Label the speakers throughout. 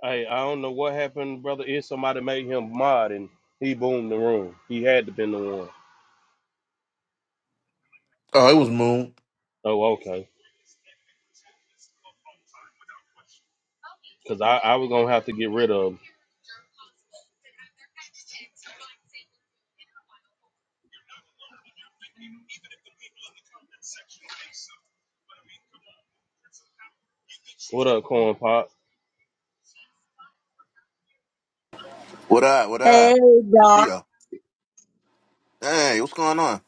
Speaker 1: Hey, I don't know what happened, brother. Is somebody made him mod and he boomed the room. He had to been the one.
Speaker 2: Oh, it was Moon.
Speaker 1: Oh, okay. Because I, I was gonna have to get rid of him. What up, Corn Pop?
Speaker 3: What up? What
Speaker 4: Hey,
Speaker 3: up? Don't see
Speaker 4: Doc.
Speaker 3: y'all. Hey, what's going on?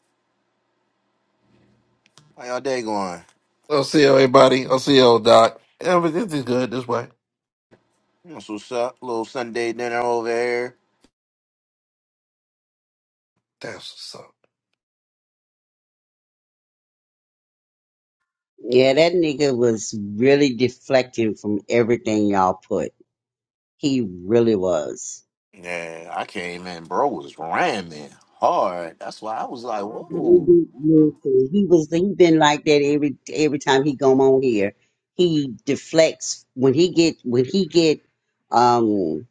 Speaker 3: How y'all day going?
Speaker 2: I'll see you, everybody. I'll see you, Doc. Everything's good this way.
Speaker 3: That's what's up. Little Sunday dinner over here.
Speaker 2: That's what's up.
Speaker 4: Yeah, that nigga was really deflecting from everything y'all put. He really was.
Speaker 3: Yeah, I came in, bro, was ramming hard. That's why I was like,
Speaker 4: He
Speaker 3: whoa.
Speaker 4: listen, he was. He been like that every every time he come on here. He deflects when he get when he get um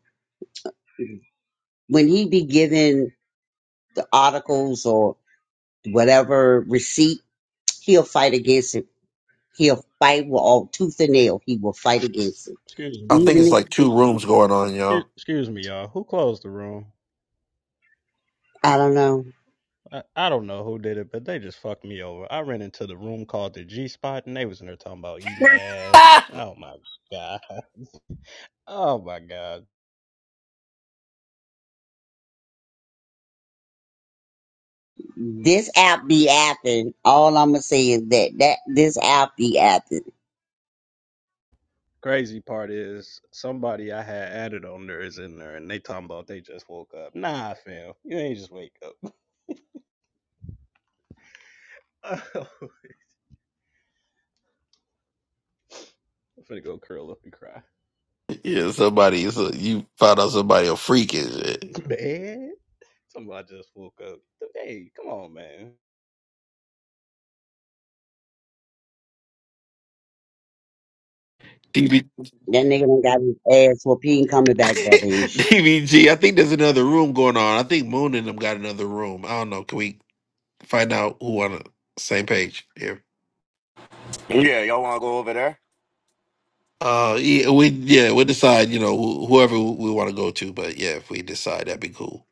Speaker 4: when he be given the articles or whatever receipt. He'll fight against it. He'll fight with all tooth and nail. He will fight against it.
Speaker 5: Excuse
Speaker 2: I
Speaker 5: me.
Speaker 2: think
Speaker 4: Even
Speaker 2: it's
Speaker 4: if,
Speaker 2: like two rooms going on, y'all.
Speaker 5: Excuse, excuse me, y'all. Who closed the room?
Speaker 4: I don't know.
Speaker 5: I, I don't know who did it, but they just fucked me over. I ran into the room called the G Spot, and they was in there talking about eating ass. Oh my god. Oh my god.
Speaker 4: This app be acting. All I'ma say is that that this app be acting.
Speaker 5: Crazy part is somebody I had added on there is in there, and they talking about they just woke up. Nah, fam, you ain't just wake up. I'm finna go curl up and cry.
Speaker 2: yeah, somebody, so you found out somebody a freak is it?
Speaker 5: Man, somebody just woke up. Hey, come on, man.
Speaker 2: DB,
Speaker 4: That nigga done got his ass whooped. He ain't coming back, brother Ish.
Speaker 2: I think there's another room going on. I think Moon and them got another room. I don't know. Can we find out who on the same page here?
Speaker 3: Yeah, y'all want to go over there?
Speaker 2: Uh, yeah, we yeah we decide. You know, wh- whoever we want to go to, but yeah, if we decide, that'd be cool.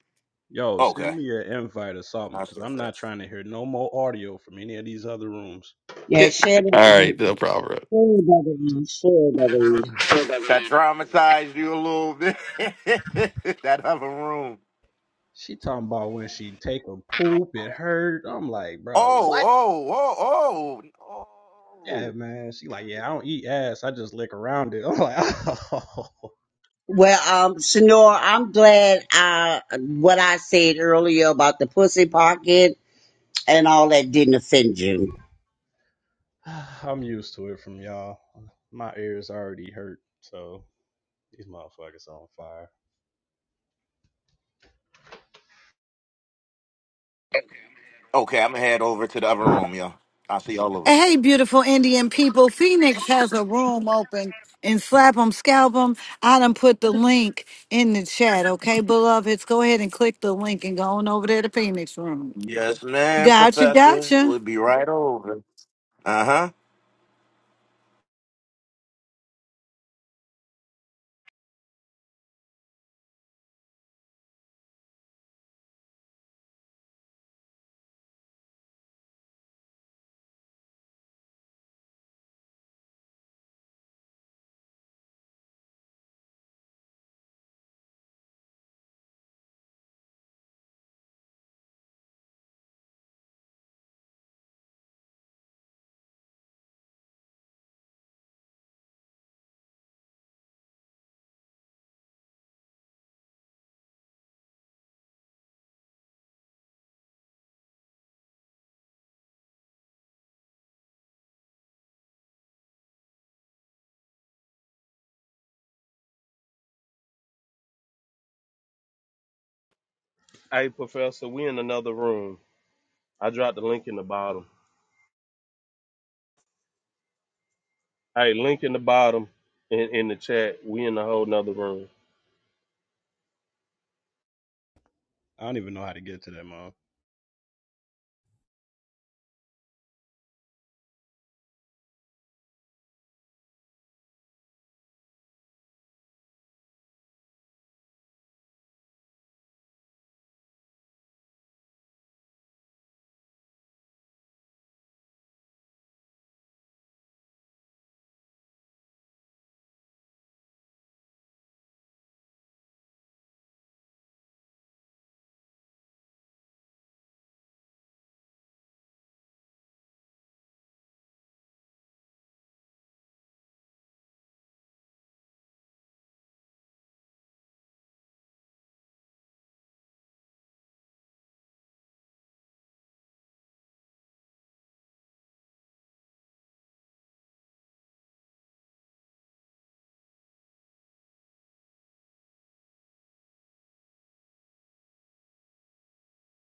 Speaker 5: Yo, send
Speaker 3: Okay.
Speaker 5: me an invite or something,
Speaker 3: I see
Speaker 5: cause I'm not
Speaker 3: that.
Speaker 5: trying to hear no more audio from any of these other rooms.
Speaker 2: All
Speaker 4: Yeah, share that.
Speaker 2: right,
Speaker 4: um,
Speaker 2: no problem.
Speaker 4: Share it, brother Ish. Share it, brother Ish.
Speaker 6: for the
Speaker 3: That traumatized you a little bit. that other room.
Speaker 5: She talking about when she take a poop, it hurt. I'm like, bro,
Speaker 3: Oh,
Speaker 5: what?
Speaker 3: oh, oh, oh,
Speaker 5: Yeah,
Speaker 3: oh.
Speaker 5: man. She like, yeah, I don't eat ass. I just lick around it. I'm like, oh,
Speaker 4: Well, um, Senor, I'm glad uh what I said earlier about the pussy pocket and all that didn't offend you.
Speaker 5: I'm used to it from y'all. My ears already hurt, so these motherfuckers on fire.
Speaker 3: Okay, I'm gonna head over to the other room, y'all. I'll see y'all over.
Speaker 7: Hey, beautiful Indian people. Phoenix has a room open and slap 'em, scalp 'em. I done put the link in the chat, okay, beloveds? Go ahead and click the link and go on over there to Phoenix room.
Speaker 3: Yes, ma'am,
Speaker 7: Gotcha,
Speaker 3: Professor.
Speaker 7: gotcha.
Speaker 3: We'll be right over. Uh huh.
Speaker 1: Hey, Professor, we in another room. I dropped the link in the bottom. Hey, link in the bottom in, in the chat. We in a whole nother room.
Speaker 5: I don't even know how to get to them.